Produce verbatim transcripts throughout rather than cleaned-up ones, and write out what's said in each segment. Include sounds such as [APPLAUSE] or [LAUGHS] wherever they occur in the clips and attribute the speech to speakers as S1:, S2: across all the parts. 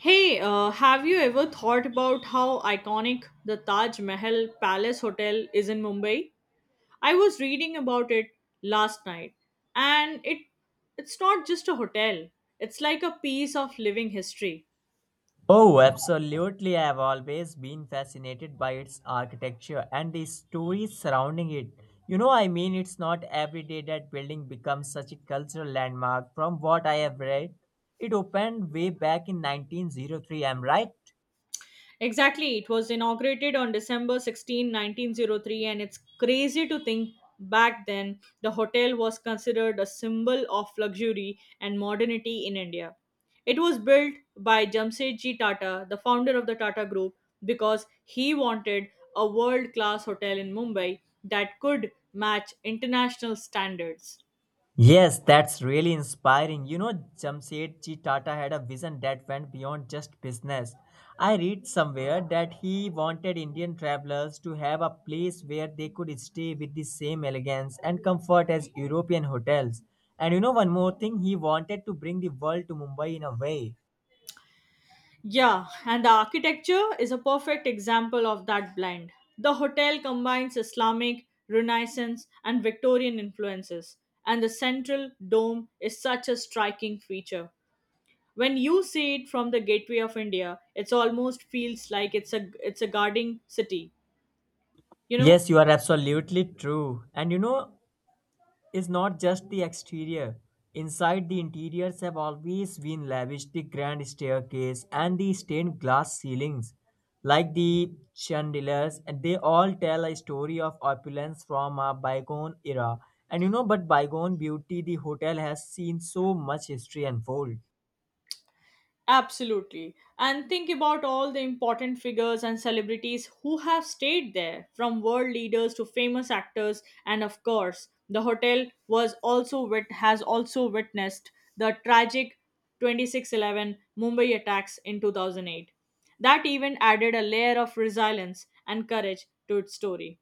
S1: Hey, uh, have you ever thought about how iconic the Taj Mahal Palace Hotel is in Mumbai? I was reading about it last night, and it it's not just a hotel. It's like a piece of living history.
S2: Oh, absolutely. I have always been fascinated by its architecture and the stories surrounding it. You know, I mean, it's not every day that building becomes such a cultural landmark. From what I have read, it opened way back in nineteen oh three, am I right?
S1: Exactly. It was inaugurated on December sixteenth, nineteen oh three, and it's crazy to think back then the hotel was considered a symbol of luxury and modernity in India. It was built by Jamsetji Tata, the founder of the Tata Group, because he wanted a world class hotel in Mumbai that could match international standards.
S2: Yes, that's really inspiring. You know, Jamsetji Tata had a vision that went beyond just business. I read somewhere that he wanted Indian travelers to have a place where they could stay with the same elegance and comfort as European hotels. And you know, one more thing, he wanted to bring the world to Mumbai in a way.
S1: Yeah, and the architecture is a perfect example of that blend. The hotel combines Islamic, Renaissance, and Victorian influences, and the central dome is such a striking feature. When you see it from the gateway of India, it almost feels like it's a it's a guarding city, you know?
S2: Yes, you are absolutely true. And you know, is not just the exterior. Inside, the interiors have always been lavish. The grand staircase and the stained glass ceilings, like the chandeliers, and they all tell a story of opulence from a bygone era. And you know, but bygone beauty, the hotel has seen so much history unfold.
S1: Absolutely. And think about all the important figures and celebrities who have stayed there, from world leaders to famous actors, and of course, the hotel was also wit- has also witnessed the tragic twenty six eleven Mumbai attacks in two thousand eight. That event added a layer of resilience and courage to its story.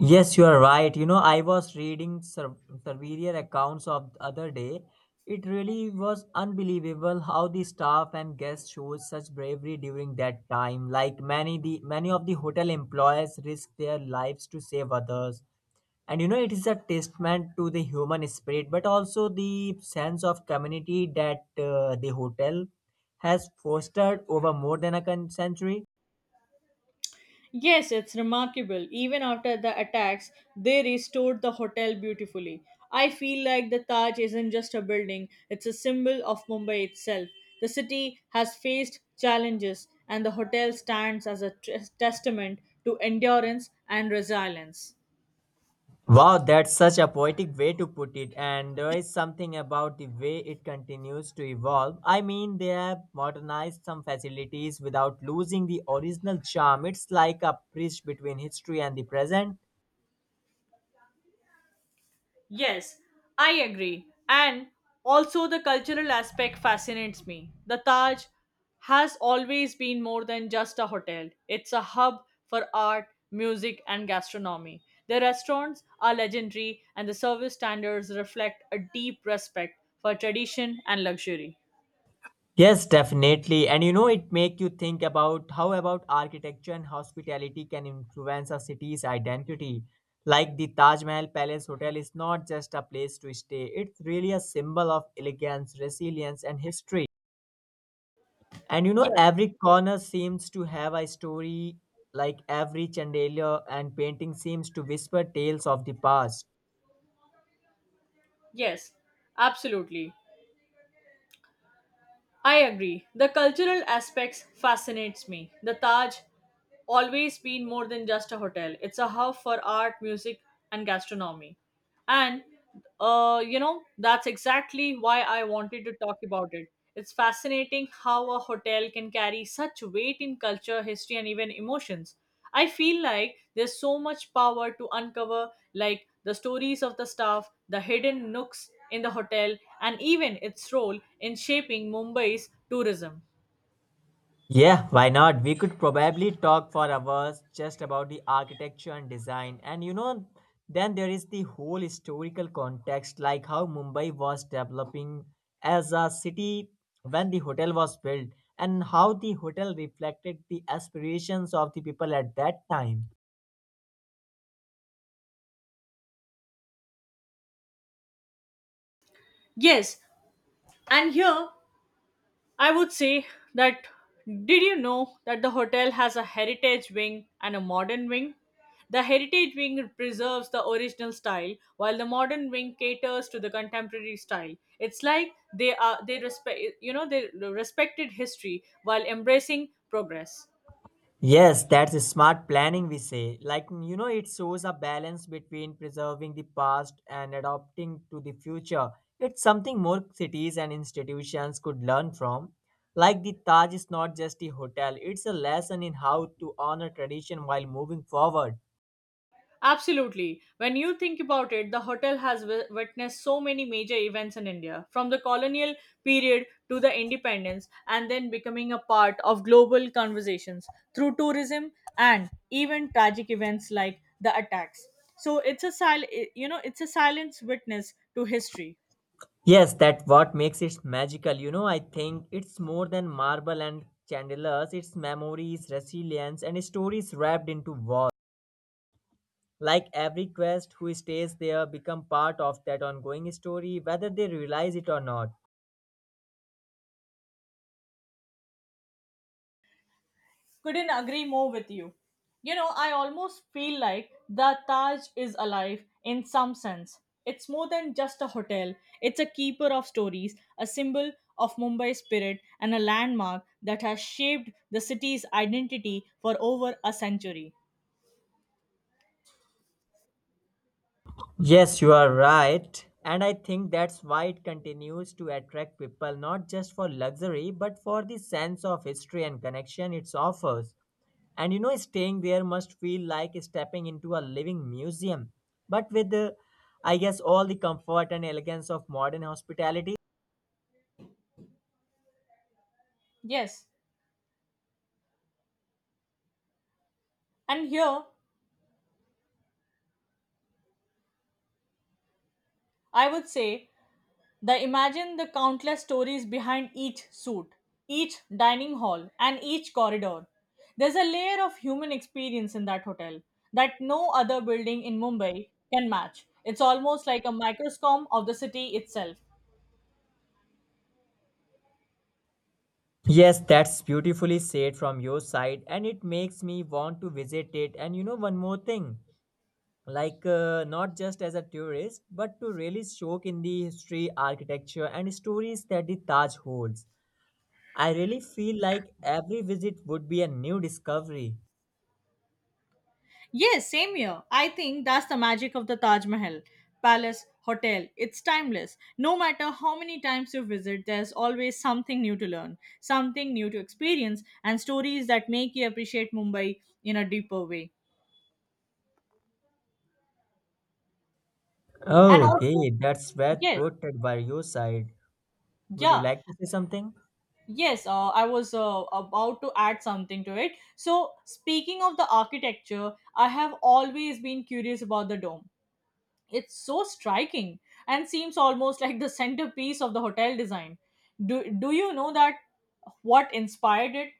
S2: Yes, you are right. You know, I was reading sur- surveyor accounts of the other day. It really was unbelievable how the staff and guests showed such bravery during that time. Like many the many of the hotel employees risked their lives to save others. And you know, it is a testament to the human spirit, but also the sense of community that uh, the hotel has fostered over more than a con- century.
S1: Yes, it's remarkable. Even after the attacks, they restored the hotel beautifully. I feel like the Taj isn't just a building, it's a symbol of Mumbai itself. The city has faced challenges, and the hotel stands as a tes- testament to endurance and resilience.
S2: Wow, that's such a poetic way to put it, and there is something about the way it continues to evolve. I mean, they have modernized some facilities without losing the original charm. It's like a bridge between history and the present.
S1: Yes, I agree. And also, the cultural aspect fascinates me. The Taj has always been more than just a hotel, it's a hub for art, music, and gastronomy. The restaurants are legendary, and the service standards reflect a deep respect for tradition and luxury.
S2: Yes, definitely. And you know, it make you think about how about architecture and hospitality can influence a city's identity. Like the Taj Mahal Palace Hotel is not just a place to stay; it's really a symbol of elegance, resilience, and history. And you know,
S1: Yes,
S2: every corner seems to have a story, like every chandelier and painting seems to whisper tales of the past.
S1: yes, absolutely. I agree. The cultural aspects fascinates me. The Taj always been more than just a hotel. It's a hub for art, music and gastronomy. And uh, you know, that's exactly why I wanted to talk about it. It's fascinating how a hotel can carry such weight in culture, history and even emotions. I feel like there's so much power to uncover, like the stories of the staff, the hidden nooks in the hotel, and even its role in shaping Mumbai's tourism.
S2: Yeah, why not? We could probably talk for hours just about the architecture and design. And you know, then there is the whole historical context, like how Mumbai was developing as a city when the hotel was built, and how the hotel reflected the aspirations of the people at that time.
S1: Yes, and here I would say that, did you know that the hotel has a heritage wing and a modern wing? The heritage wing preserves the original style while the modern wing caters to the contemporary style. It's like they are they respect, you know they respected history while embracing progress.
S2: Yes, that's a smart planning, we say. Like, you know, it shows a balance between preserving the past and adapting to the future. It's something more cities and institutions could learn from. Like, the Taj is not just a hotel, it's a lesson in how to honor tradition while moving forward.
S1: Absolutely. When you think about it, the hotel has wi- witnessed so many major events in India, from the colonial period to the independence, and then becoming a part of global conversations through tourism and even tragic events like the attacks. So it's a sil- you know it's a silence witness to history.
S2: Yes, that's what makes it magical. You know, I think it's more than marble and chandeliers, it's memories, resilience, and stories wrapped into walls. Like every guest who stays there become part of that ongoing story, whether they realize it or not.
S1: Couldn't agree more with you. You know, I almost feel like the Taj is alive in some sense. It's more than just a hotel, it's a keeper of stories, a symbol of Mumbai spirit, and a landmark that has shaped the city's identity for over a century.
S2: Yes, you are right, and I think that's why it continues to attract people, not just for luxury but for the sense of history and connection it offers. And you know, staying there must feel like stepping into a living museum, but with the, I guess, all the comfort and elegance of modern hospitality.
S1: Yes, and here I would say, the imagine the countless stories behind each suit, each dining hall, and each corridor. There's a layer of human experience in that hotel that no other building in Mumbai can match. It's almost like a microscope of the city itself.
S2: Yes, that's beautifully said from your side, and it makes me want to visit it. And you know, one more thing like, uh, not just as a tourist, but to really soak in the history, architecture, and stories that the Taj holds. I really feel like every visit would be a new discovery.
S1: Yes, same here. I think that's the magic of the Taj Mahal Palace Hotel. It's timeless. No matter how many times you visit, there's always something new to learn, something new to experience, and stories that make you appreciate Mumbai in a deeper way. And also,
S2: Okay, that's well
S1: yes.
S2: put by your side. Would you
S1: Yeah,
S2: like to say something?
S1: yes, uh, I was uh, about to add something to it. So speaking of the architecture, I have always been curious about the dome. It's so striking and seems almost like the centerpiece of the hotel design. Do, do you know that what inspired it?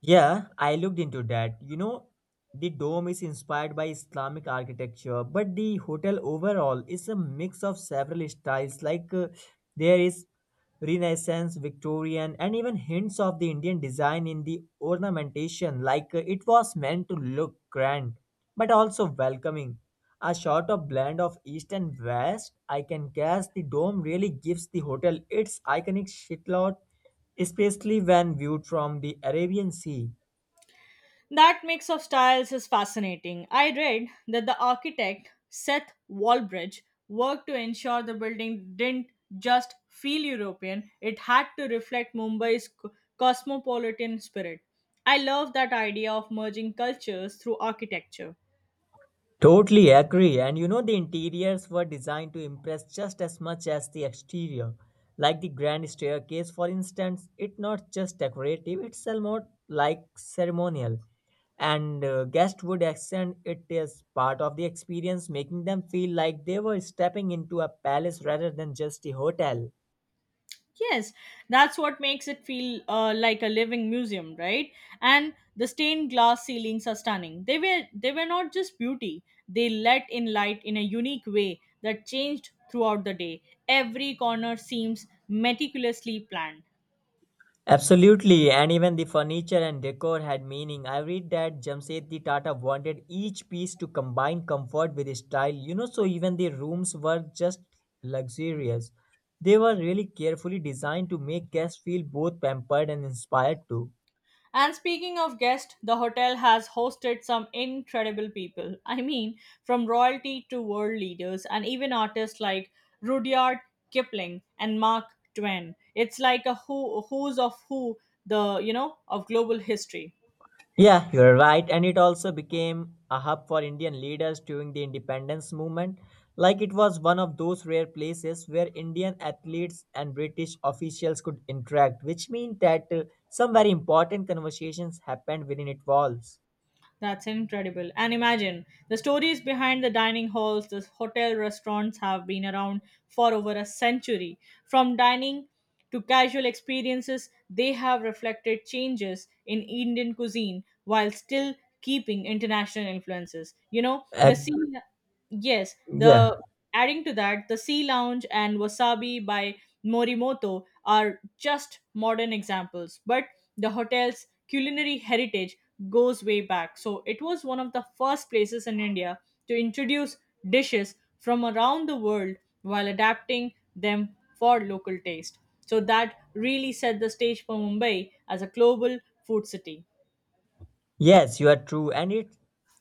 S2: Yeah, I looked into that. You know, the dome is inspired by Islamic architecture, but the hotel overall is a mix of several styles. Like uh, there is Renaissance, Victorian, and even hints of the Indian design in the ornamentation. Like uh, it was meant to look grand, but also welcoming. A sort of blend of East and West, I can guess the dome really gives the hotel its iconic shitload, especially when viewed from the Arabian Sea.
S1: That mix of styles is fascinating. I read that the architect Seth Walbridge worked to ensure the building didn't just feel European, it had to reflect Mumbai's co- cosmopolitan spirit. I love that idea of merging cultures through architecture.
S2: Totally agree. And you know, the interiors were designed to impress just as much as the exterior. Like the grand staircase, for instance, it's not just decorative, it's almost like ceremonial. And uh, guests would accent it as part of the experience, making them feel like they were stepping into a palace rather than just a hotel.
S1: Yes, that's what makes it feel uh, like a living museum, right? And the stained glass ceilings are stunning. They were they were not just beauty; they let in light in a unique way that changed throughout the day. Every corner seems meticulously planned.
S2: Absolutely, and even the furniture and decor had meaning. I read that Jamsetji Tata wanted each piece to combine comfort with style, you know, so even the rooms were just luxurious. They were really carefully designed to make guests feel both pampered and inspired too.
S1: And speaking of guests, the hotel has hosted some incredible people. I mean, from royalty to world leaders, and even artists like Rudyard Kipling and Mark Twain. It's like a who who's of who the you know of global history.
S2: Yeah, you're right. And it also became a hub for Indian leaders during the independence movement. Like it was one of those rare places where Indian athletes and British officials could interact, which means that uh, some very important conversations happened within its walls.
S1: That's incredible. And imagine the stories behind the dining halls, the hotel restaurants have been around for over a century. From dining to casual experiences, they have reflected changes in Indian cuisine while still keeping international influences. You know,
S2: Uh,
S1: the scene. Yes,
S2: yeah.
S1: the adding to that, the Sea Lounge and Wasabi by Morimoto are just modern examples, but the hotel's culinary heritage goes way back. So it was one of the first places in India to introduce dishes from around the world while adapting them for local taste. So that really set the stage for Mumbai as a global food city.
S2: Yes, you are true. And it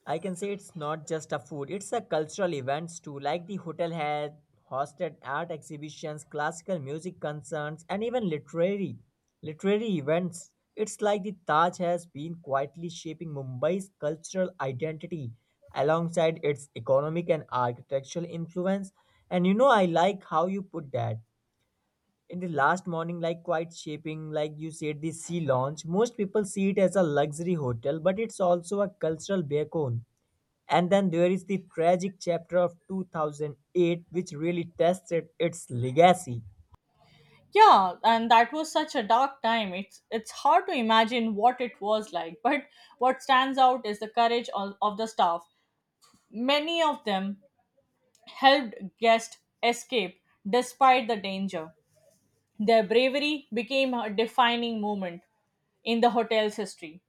S2: I can say it's not just a food, it's a cultural events too. Like the hotel had hosted art exhibitions, classical music concerts, and even literary literary events. It's like the Taj has been quietly shaping Mumbai's cultural identity alongside its economic and architectural influence. And you know, I like how you put that in the last morning, like quite shaping, like you said the sea lounge most people see it as a luxury hotel, but it's also a cultural beacon. And then there is the tragic chapter of two thousand eight, which really tested its legacy.
S1: Yeah, and that was such a dark time. It's it's hard to imagine what it was like, [LAUGHS] but what stands out is the courage of, of the staff. Many of them helped guests escape despite the danger. Their bravery became a defining moment in the hotel's history.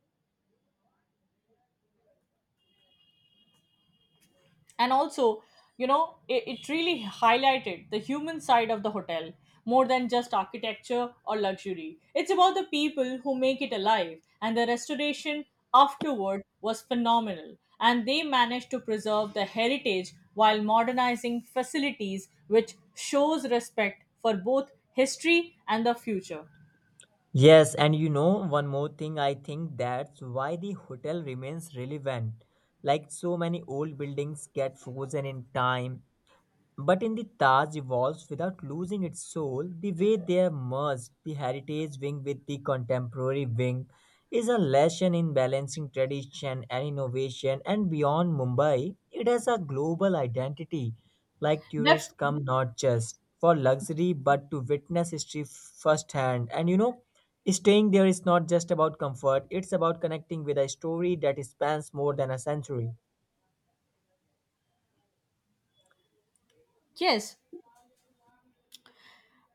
S1: And also, you know, it, it really highlighted the human side of the hotel. More than just architecture or luxury, it's about the people who make it alive. And the restoration afterward was phenomenal, and they managed to preserve the heritage while modernizing facilities, which shows respect for both history and the future.
S2: Yes, and you know, one more thing, I think that's why the hotel remains relevant. Like so many old buildings get frozen in time, but in the Taj evolves without losing its soul, the way they are merged, the heritage wing with the contemporary wing, is a lesson in balancing tradition and innovation. And beyond Mumbai, it has a global identity. Like
S1: Def-
S2: tourists come not just for luxury but to witness history firsthand. And you know, staying there is not just about comfort, it's about connecting with a story that spans more than a century.
S1: yes,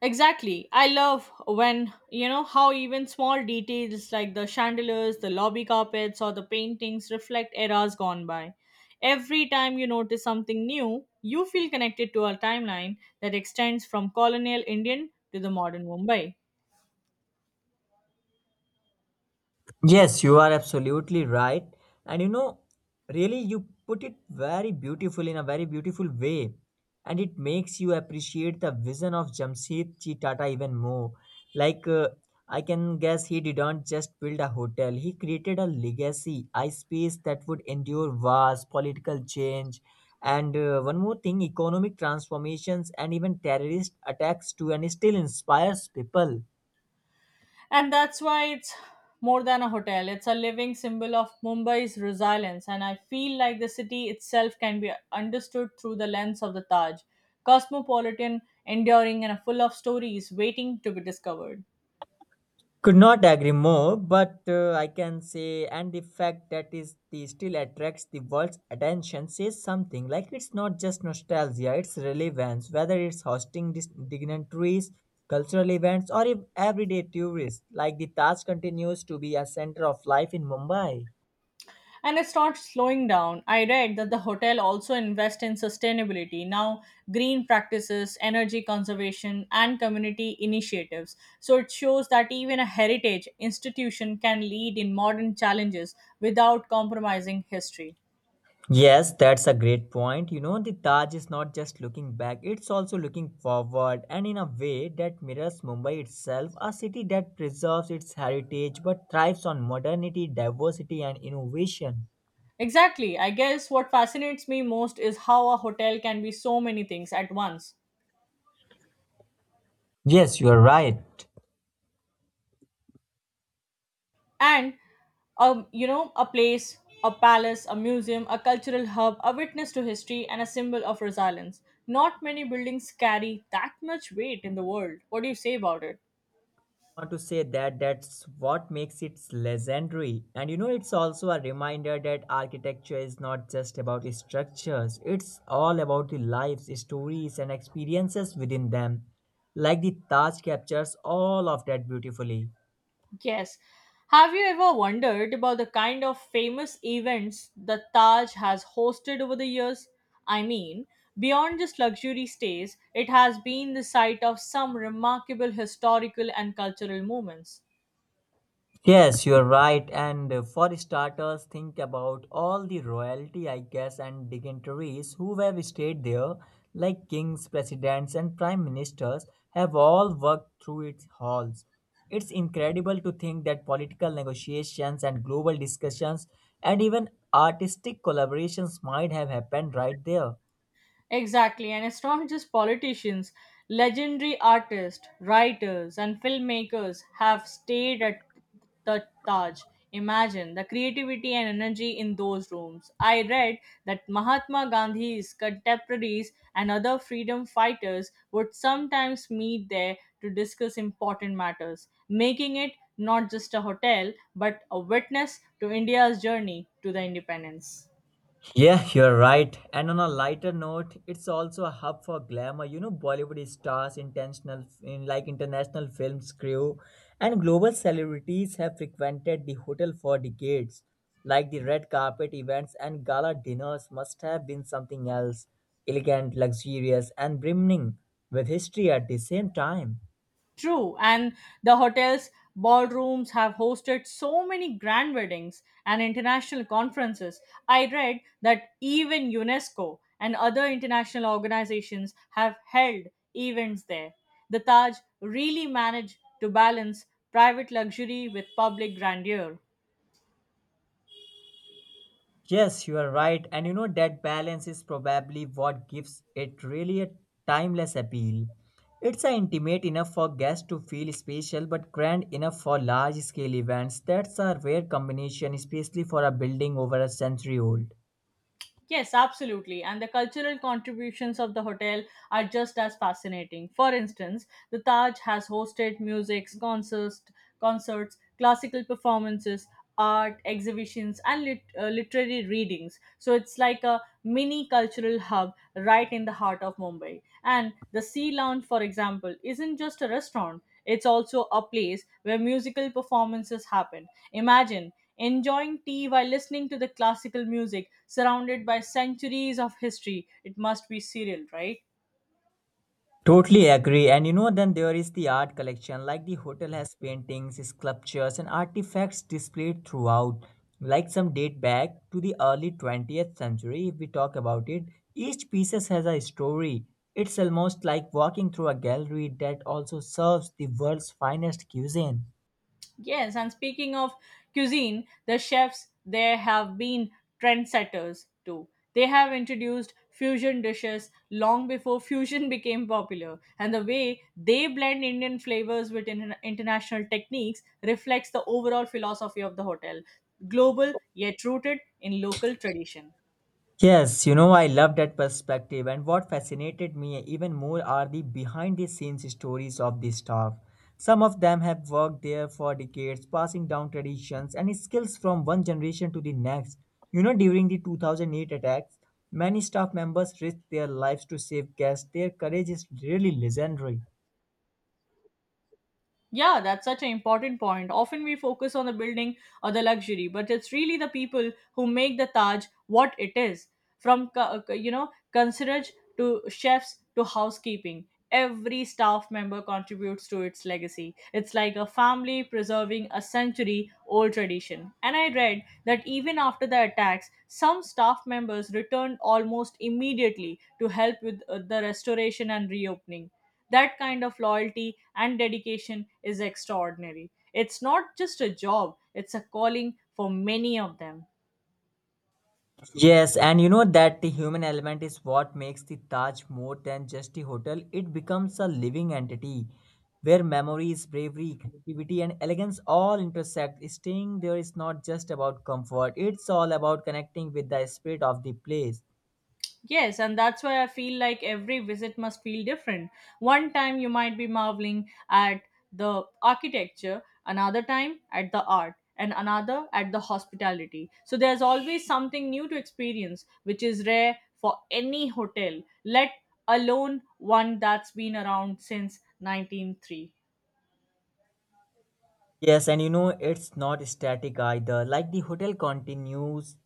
S1: exactly. I love when, you know, how even small details like the chandeliers, the lobby carpets, or the paintings reflect eras gone by. Every time you notice something new, you feel connected to a timeline that extends from colonial Indian to the modern Mumbai.
S2: Yes, you are absolutely right. And you know, really, you put it very beautiful in a very beautiful way. And it makes you appreciate the vision of Jamsetji Tata even more. Like, uh, I can guess he didn't just build a hotel, he created a legacy, a space that would endure wars, political change, and uh, one more thing economic transformations, and even terrorist attacks, too, and still inspires people.
S1: And that's why it's more than a hotel. It's a living symbol of Mumbai's resilience, and I feel like the city itself can be understood through the lens of the Taj, cosmopolitan, enduring, and full of stories waiting to be discovered.
S2: Could not agree more, but uh, I can say, and the fact that is the still attracts the world's attention says something. Like it's not just nostalgia; it's relevance. Whether it's hosting dis- dignitaries, cultural events, or ev- everyday tourists, like the Taj continues to be a center of life in Mumbai.
S1: And it's not slowing down. I read that the hotel also invests in sustainability now, green practices, energy conservation, and community initiatives. So it shows that even a heritage institution can lead in modern challenges without compromising history.
S2: Yes, that's a great point. You know, the Taj is not just looking back, it's also looking forward and in a way that mirrors Mumbai itself, a city that preserves its heritage but thrives on modernity, diversity, and innovation.
S1: Exactly. I guess what fascinates me most is how a hotel can be so many things at once.
S2: Yes, you are right.
S1: And um, you know, a place, a palace, a museum, a cultural hub, a witness to history, and a symbol of resilience. Not many buildings carry that much weight in the world. What do you say about it?
S2: Want to say that that's what makes it legendary, and you know it's also a reminder that architecture is not just about structures, it's all about the lives, stories, and experiences within them, like the Taj captures all of that beautifully.
S1: Yes, have you ever wondered about the kind of famous events the Taj has hosted over the years? I mean, beyond just luxury stays, it has been the site of some remarkable historical and cultural moments.
S2: Yes, you're right. And uh, for starters, think about all the royalty, I guess, and dignitaries who have stayed there, like kings, presidents, and prime ministers, have all worked through its halls. It's incredible to think that political negotiations and global discussions and even artistic collaborations might have happened right there.
S1: Exactly, and it's not just politicians. Legendary artists, writers, and filmmakers have stayed at the Taj. Imagine the creativity and energy in those rooms. I read that Mahatma Gandhi's contemporaries and other freedom fighters would sometimes meet there to discuss important matters, making it not just a hotel but a witness to India's journey to the independence.
S2: Yeah, you're right. And on a lighter note, it's also a hub for glamour. You know, Bollywood stars, intentional in like international films crew, and global celebrities have frequented the hotel for decades. Like the red carpet events and gala dinners must have been something else, elegant, luxurious, and brimming with history at the same time.
S1: True, and the hotel's ballrooms have hosted so many grand weddings and international conferences. I read that even UNESCO and other international organizations have held events there. The Taj really managed to balance private luxury with public grandeur.
S2: Yes, you are right. And you know, that balance is probably what gives it really a timeless appeal. It's a intimate enough for guests to feel special, but grand enough for large scale events. That's a rare combination, especially for a building over a century old.
S1: Yes, absolutely. And the cultural contributions of the hotel are just as fascinating. For instance, the Taj has hosted music, concerts, concerts, classical performances, art exhibitions, and lit- uh, literary readings. So it's like a mini cultural hub right in the heart of Mumbai. And the Sea Lounge, for example, isn't just a restaurant. It's also a place where musical performances happen. Imagine enjoying tea while listening to the classical music surrounded by centuries of history. It must be cereal, right?
S2: Totally agree. And you know, then there is the art collection. Like the hotel has paintings, sculptures, and artifacts displayed throughout. Like some date back to the early twentieth century, if we talk about it, each piece has a story. It's almost like walking through a gallery that also serves the world's finest cuisine.
S1: Yes, and speaking of cuisine, the chefs there have been trendsetters too. They have introduced fusion dishes long before fusion [LAUGHS] became popular, and the way they blend Indian flavors with in- international techniques reflects the overall philosophy of the hotel, global yet rooted in local tradition.
S2: Yes, you know, I love that perspective. And what fascinated me even more are the behind the scenes stories of the staff. Some of them have worked there for decades, passing down traditions and skills from one generation to the next. You know, during the two thousand eight attacks, many staff members risked their lives to save guests. Their courage is really legendary.
S1: Yeah, that's such an important point. Often we focus on the building or the luxury, but it's really the people who make the Taj what it is. From co- uh, you know, concierge to chefs to housekeeping, every staff member contributes to its legacy. It's like a family preserving a century-old tradition. And I read that even after the attacks, some staff members returned almost immediately to help with uh, the restoration and reopening. That kind of loyalty and dedication is extraordinary. It's not just a job, it's a calling for many of them.
S2: Yes, and you know that the human element is what makes the Taj more than just a hotel. It becomes a living entity where memories, bravery, creativity, and elegance all intersect. Staying there is not just about comfort, it's all about connecting with the spirit of the place.
S1: Yes, and that's why I feel like every visit must feel different. One time you might be marveling at the architecture, another time at the art, and another at the hospitality. So there's always something new to experience, which is rare for any hotel, let alone one that's been around since nineteen oh three.
S2: Yes, and you know it's not static either. Like the hotel continues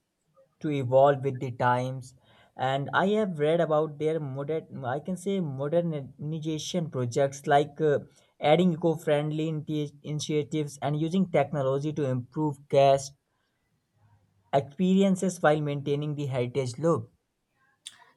S2: to evolve with the times and I have read about their modern I can say modernization projects like uh, adding eco-friendly inti- initiatives and using technology to improve guest experiences while maintaining the heritage look.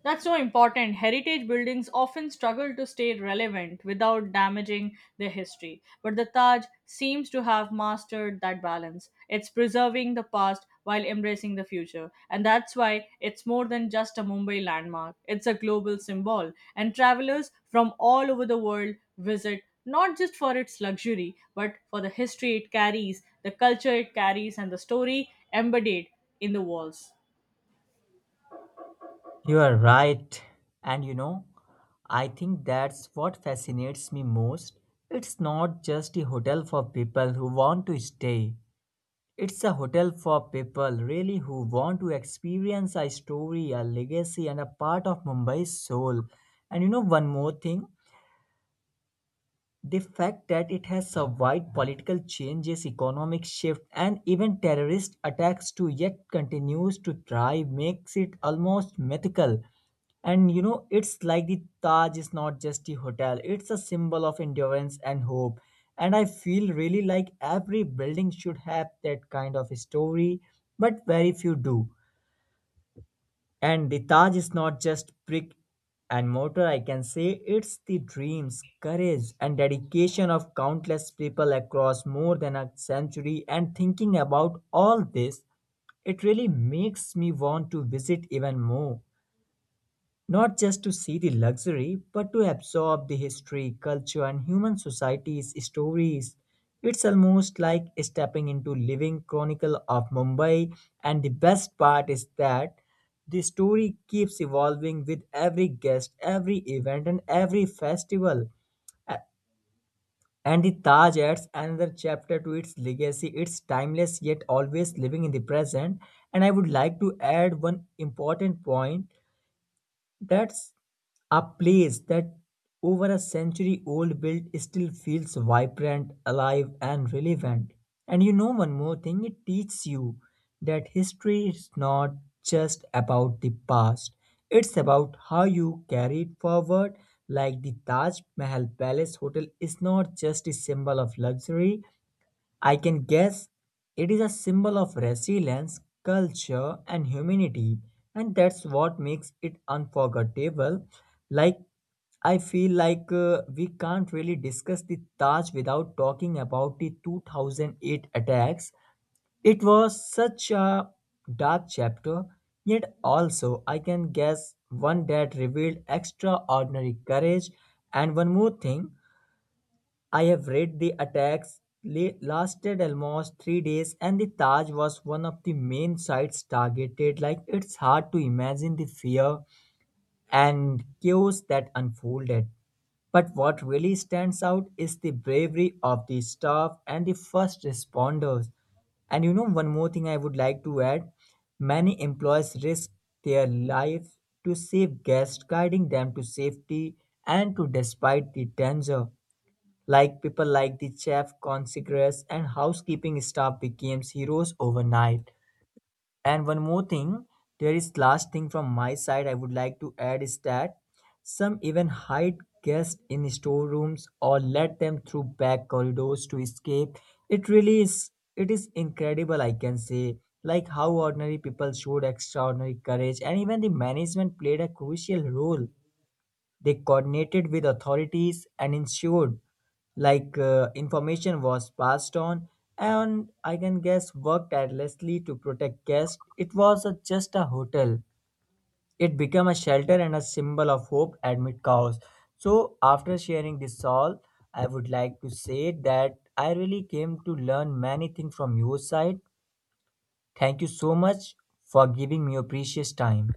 S1: That's so important. Heritage buildings often struggle to stay relevant without damaging their history. But the Taj seems to have mastered that balance. It's preserving the past while embracing the future. And that's why it's more than just a Mumbai landmark, it's a global symbol. And travelers from all over the world visit not just for its luxury, but for the history it carries, the culture it carries, and the story embodied in the walls.
S2: You are right, and you know I think that's what fascinates me most. It's not just a hotel for people who want to stay. It's a hotel for people really who want to experience a story, a legacy, and a part of Mumbai's soul. And you know, one more thing, the fact that it has survived political changes, economic shift, and even terrorist attacks to yet continues to thrive makes it almost mythical. And you know, it's like the Taj is not just a hotel, it's a symbol of endurance and hope. And I feel really like every building should have that kind of story, but very few do. And the Taj is not just brick and mortar, I can say it's the dreams, courage, and dedication of countless people across more than a century. And thinking about all this, it really makes me want to visit even more, not just to see the luxury, but to absorb the history, culture, and human society's stories. It's almost like stepping into living chronicle of Mumbai, and the best part is that the story keeps evolving with every guest, every event, and every festival. A- And the Taj adds another chapter to its legacy. It's timeless yet always living in the present. And I would like to add one important point, that's a place that over a century old build still feels vibrant, alive and relevant. And you know one more thing it teaches you that history is not just about the past. It's about how you carry it forward. Like the Taj Mahal Palace Hotel is not just a symbol of luxury, I can guess it is a symbol of resilience, culture, and humanity, and that's what makes it unforgettable. Like, I feel like uh, we can't really discuss the Taj without talking about the two thousand eight attacks. It was such a dark chapter, yet also I can guess one that revealed extraordinary courage. And one more thing, I have read the attacks la- lasted almost three days, and the Taj was one of the main sites targeted. Like, it's hard to imagine the fear and chaos that unfolded. But what really stands out is the bravery of the staff and the first responders. And you know, one more thing I would like to add, many employees risk their life to save guests, guiding them to safety and to despite the danger. Like people like the chef, concierge, and housekeeping staff became heroes overnight. And one more thing, there is last thing from my side I would like to add is that some even hide guests in storerooms or let them through back corridors to escape. It really is, it is incredible I can say. Like how ordinary people showed extraordinary courage and even the management played a crucial role. They coordinated with authorities and ensured like uh, information was passed on and I can guess worked tirelessly to protect guests. It was a, just a hotel. It became a shelter and a symbol of hope amid chaos. So after sharing this all, I would like to say that I really came to learn many things from your side. Thank you so much for giving me your precious time.